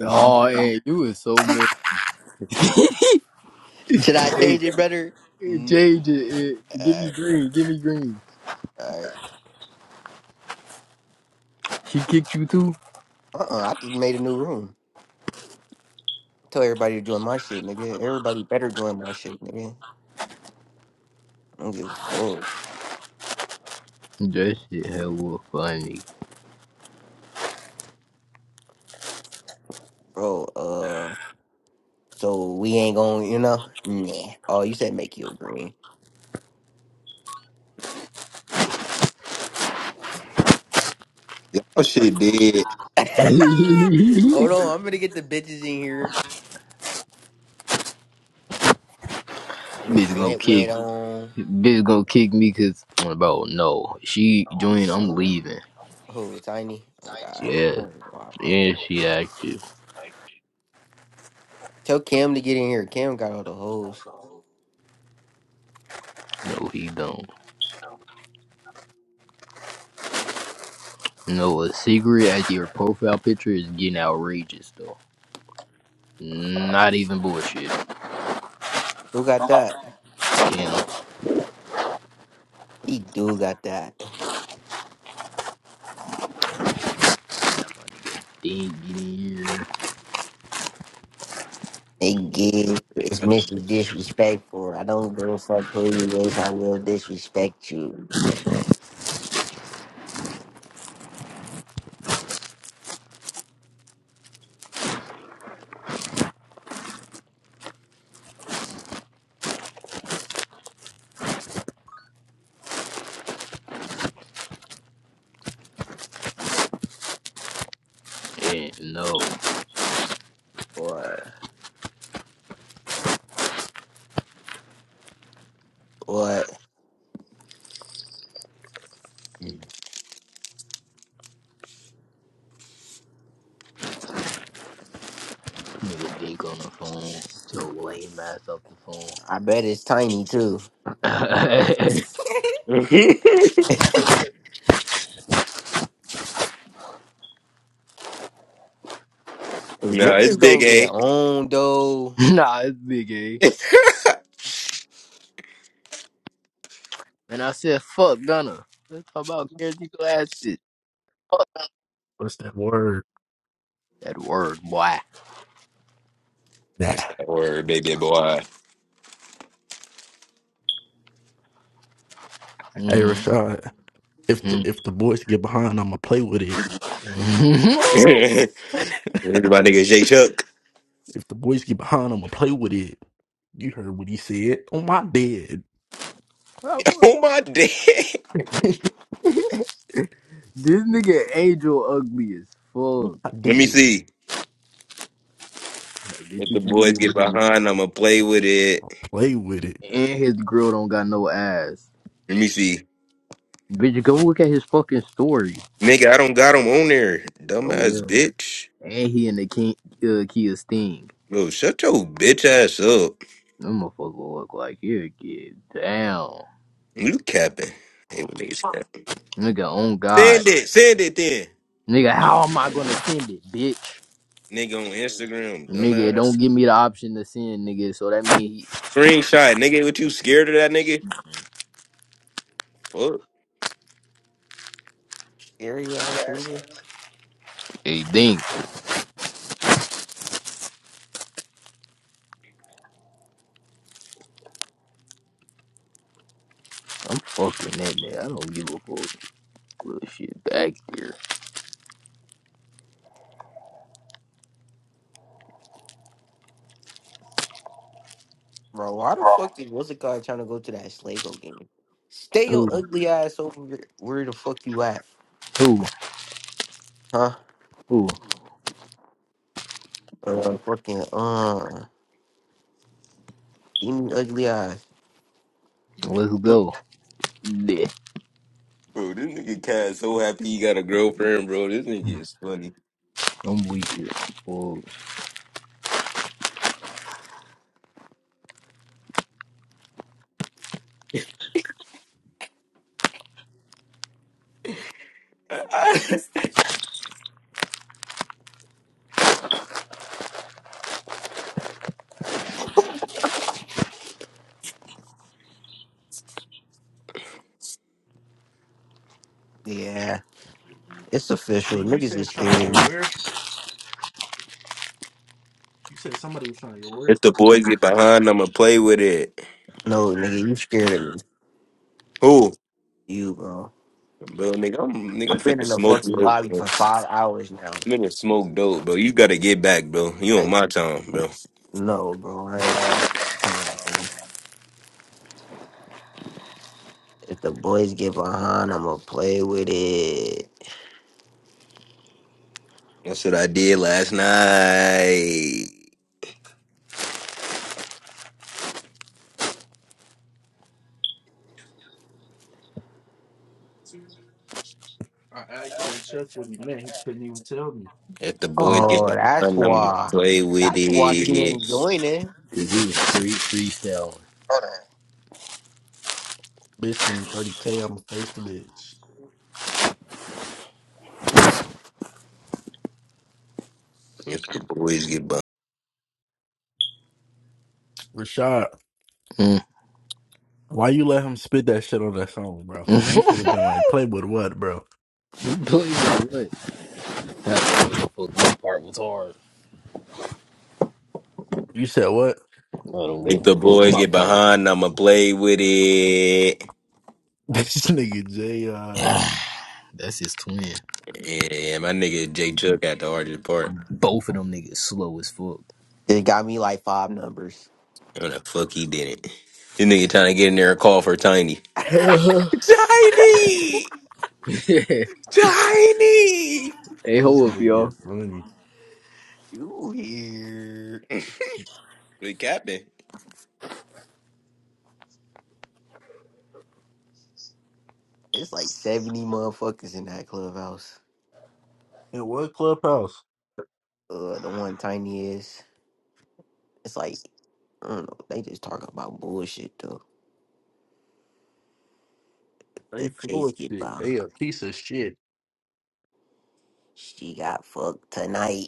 Oh, hey, you is so mad. Should I Hey, change it, brother? hey, Nick. change it. eh, give me Alright, green. Give me green. alright. She kicked you too. Uh-uh, I just made a new room. Tell everybody to join my shit, nigga. Everybody better join my shit, nigga. I don't give a fuck, That shit hella funny. bro. Uh, so we ain't gonna, you know? Nah. Oh, you said make you a green. Y'all shit dead. Hold bitch on, I'm gonna get the bitches in here. Miss gonna Wet kick. Wet on. Bitch gonna kick me cause bro, no. She joined. I'm leaving. Who, Tiny? Oh, God. Yeah, I don't know why I like yeah. that. She active. Tell Cam to get in here. Cam got all the hoes. No, he don't. No, a secret at your profile picture is getting outrageous though. Not even bullshit. Who got that? Damn, He do got that. they ain't getting here. They give it's Mr. Disrespectful. I don't give a fuck who you is, I will disrespect you. Yeah, no. Or or Nigga dick on the phone. so lame ass off the phone. I bet it's tiny too. nah, Is it's niggas big, gonna get eh? on though? nah, it's big A. And I said, fuck Gunna. Let's talk about Caretaker ass shit. What's that word? That word, boy. Nah. It's that word, baby boy. Hey Mhm. Rashad, if the this if the boys get behind, I'ma play with it. Here's my nigga Jay if Chuck. the boys get behind, I'ma play with it. You heard what he said. On my dead. Oh my day. nigga Angel ugly as fuck. I Let me did. see. Like, bitch, If you the can boys mean. get behind, I'ma play with it. Play with it. And his girl don't got no ass. Let me see. Bitch, go look at his fucking story. Nigga, I don't got him on there. Oh Dumbass well. bitch. And he in the King, uh, Kia Sting. Bro, shut your bitch ass up. Them motherfucker look like you get down. You capping. Hey, what niggas capping? Nigga, on God. Send it. Send it then. Nigga, how am I gonna send it, bitch? Nigga on Instagram. Nigga, it don't Dumbass. give me the option to send, nigga, so that mean he, Screenshot. Nigga, what you scared of that nigga? Fuck. Scary ass nigga. he think. I'm fucking that nigga. I don't give a fuck. Little shit back there. Bro, why the fuck is what's the guy trying to go to that Slago game? Stay your Who? ugly ass over here. where the fuck you at? Who? Huh? Who? Uh, fucking uh demon ugly eyes. Let's Mm, go. Yeah. Bro, this nigga Cat so happy he got a girlfriend, bro. This nigga is funny. I'm weak as fuck. Yeah. It's official. And you Niggas said is trying to scared of go me. where? You said somebody was trying to go where? if the boys get behind, I'ma play with it. No, nigga, you scared of me. Who? you, bro. Bro, nigga, I'm nigga, I'm I've been finna in the smoke fucking dope, lobby bro. for five hours now. I'm finna smoke dope, bro. You gotta get back, bro. You on Like, my time, bro. no, bro, I ain't running time, bro. If the boys get behind, I'ma play with it. That's what I did last night. I asked Jay Chuck what he meant. He couldn't even tell me. If the boys get Oh, that's behind, I'ma why. play with That's why she it. ain't joining. Cause he was free freestyling. Bitch from 30K, I'ma face the bitch. If the boys get behind. Rashad, Mm. why you let him spit that shit on that song, bro? mm. You should have been like, play with what, bro? Play that what? I don't give a fuck. My part was hard. You said what? I don't give If a the fuck. boys My get part behind, I'ma play with it. This nigga Jay, uh, was That's his twin. Yeah, my nigga Jay Chuck at the hardest part. Both of them niggas slow as fuck. They got me like five numbers. No, the fuck he didn't. This nigga trying to get in there and call for Tiny. Tiny! Yeah. Tiny! hey, this hold up, nigga y'all. is funny. You here? The captain. It's like seventy motherfuckers in that clubhouse. And what clubhouse? Uh, the one tiny is. It's like I don't know. They just talking about bullshit though. They The full Jays of get shit. behind. They a piece of shit. She got fucked tonight.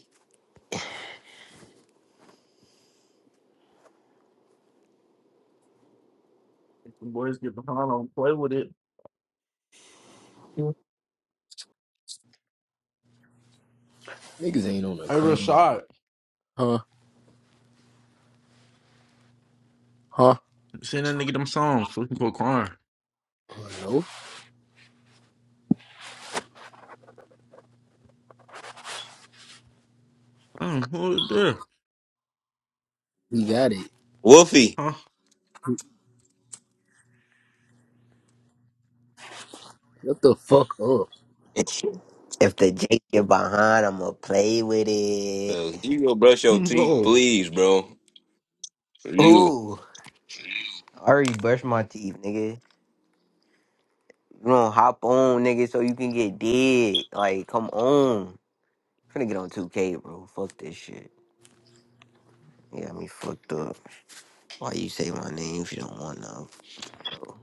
If the boys get behind on play with it. Hey, Niggas ain't on the crown. Rashad, Huh? Huh? send that nigga them songs so he can go crying. No, Oh, what is that? we got it. Wolfie. Huh? Shut the fuck up? If the Jake get behind, I'ma play with it. No, you go brush your teeth, Bro, please, bro. You. Ooh, I already brushed my teeth, nigga. You don't hop on, nigga, so you can get dead. Like, come on. finna get on 2K, bro. Fuck this shit. You got me fucked up. Why you say my name if you don't want none, bro?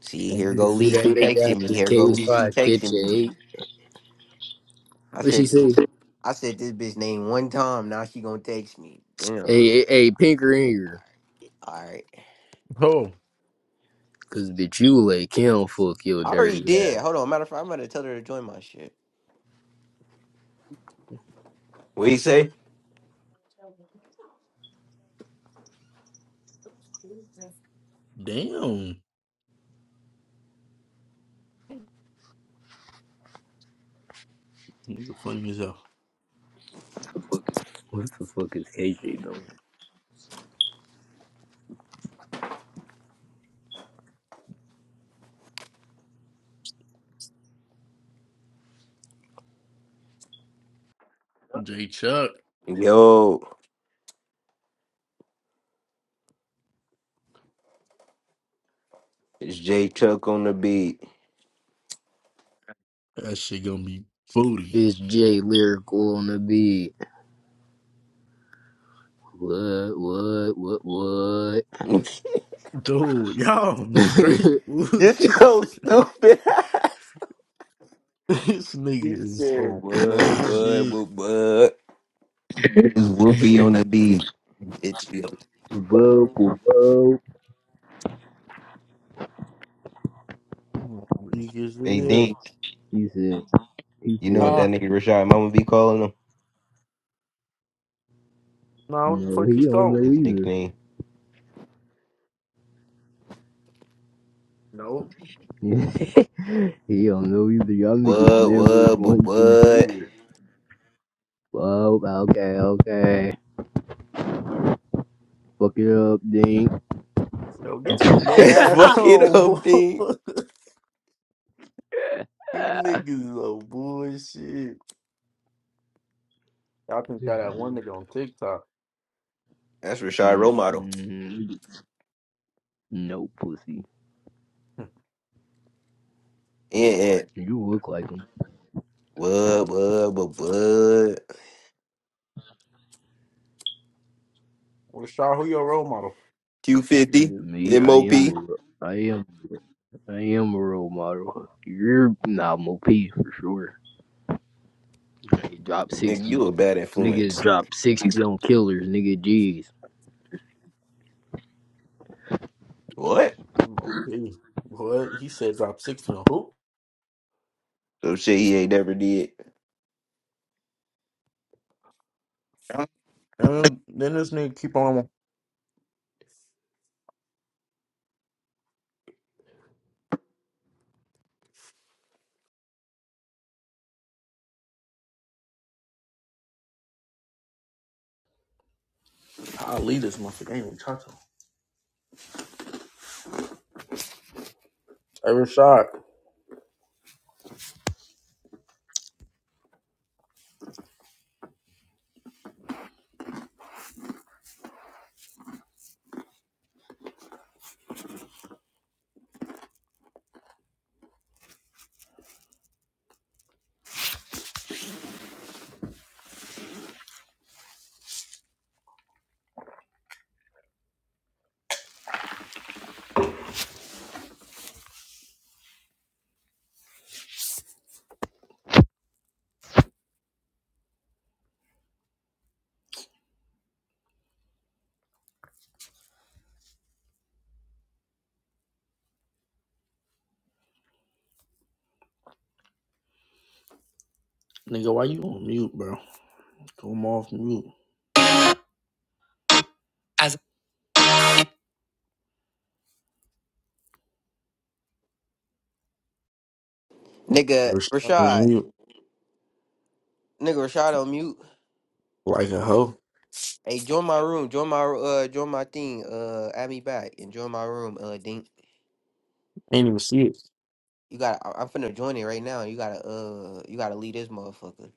See, And here you to go see that Lisi nigga out texting me. the Here go K's Lisi five kitchen? texting me. a I What she said this. say? I said this bitch name one time. Now she gonna text me. Damn. All Hey, hey, hey, pinker in here. right. bro, Cause bitch, you like him fuck your I already dirty did. ass. Hold on. Matter of fact, I'm gonna tell her to join my shit. What you say? damn. Nigga funny as hell. What the fuck is KJ doing? Jay Chuck, Yo, it's J Chuck on the beat. that shit gonna be booty. It's J lyrical on the beat. What? What? What? Dude, y'all straight Get bullshit your today. stupid. This He nigga is said, so boy, nuts boy, boy, boy. it's Wolfie What? on the beat. It's yo. Whoa, whoa, Weak as Hey hell. Dink, He said, he you know what said, that Huh? nigga Rashad Mama be calling him? No, what the no, fuck you he don't going? know His either. nickname. Nope. he don't know either. Y'all niggas What, never what, but going to what? do it. Well, okay, okay. Fuck it up, Dink. Yo, get your gay ass Fuck it on, boy. up, Dean. you niggas are bullshit. I think I that one nigga on TikTok. That's Rashad Role Model. Mm-mm. No pussy. And, and You look like him. what, what, but what? Well, Shaw, who your role model? Q50, Me, I MOP. am a, ro- I am, I am a role model. You're not OP for sure. Nigga dropped Mm, Nigga, you sixty. a bad Niggas influence. drop sixty on killers. Nigga, jeez. What? mm, Okay. What? He said drop 60 on who? So shit he ain't never did. And then this nigga keep on. I'll leave this motherfucker. I ain't even talking. Hey, Rashad. Nigga, why you on mute, bro? Come off mute. Nigga Rashad Rashad, on mute. nigga Rashad on mute. Like a hoe. Hey, join my room. Join my uh, join my thing. Uh, add me back and join my room. Uh, Dink, Ain't even see it. you got. to I'm finna join it right now. You gotta uh, you gotta leave this motherfucker.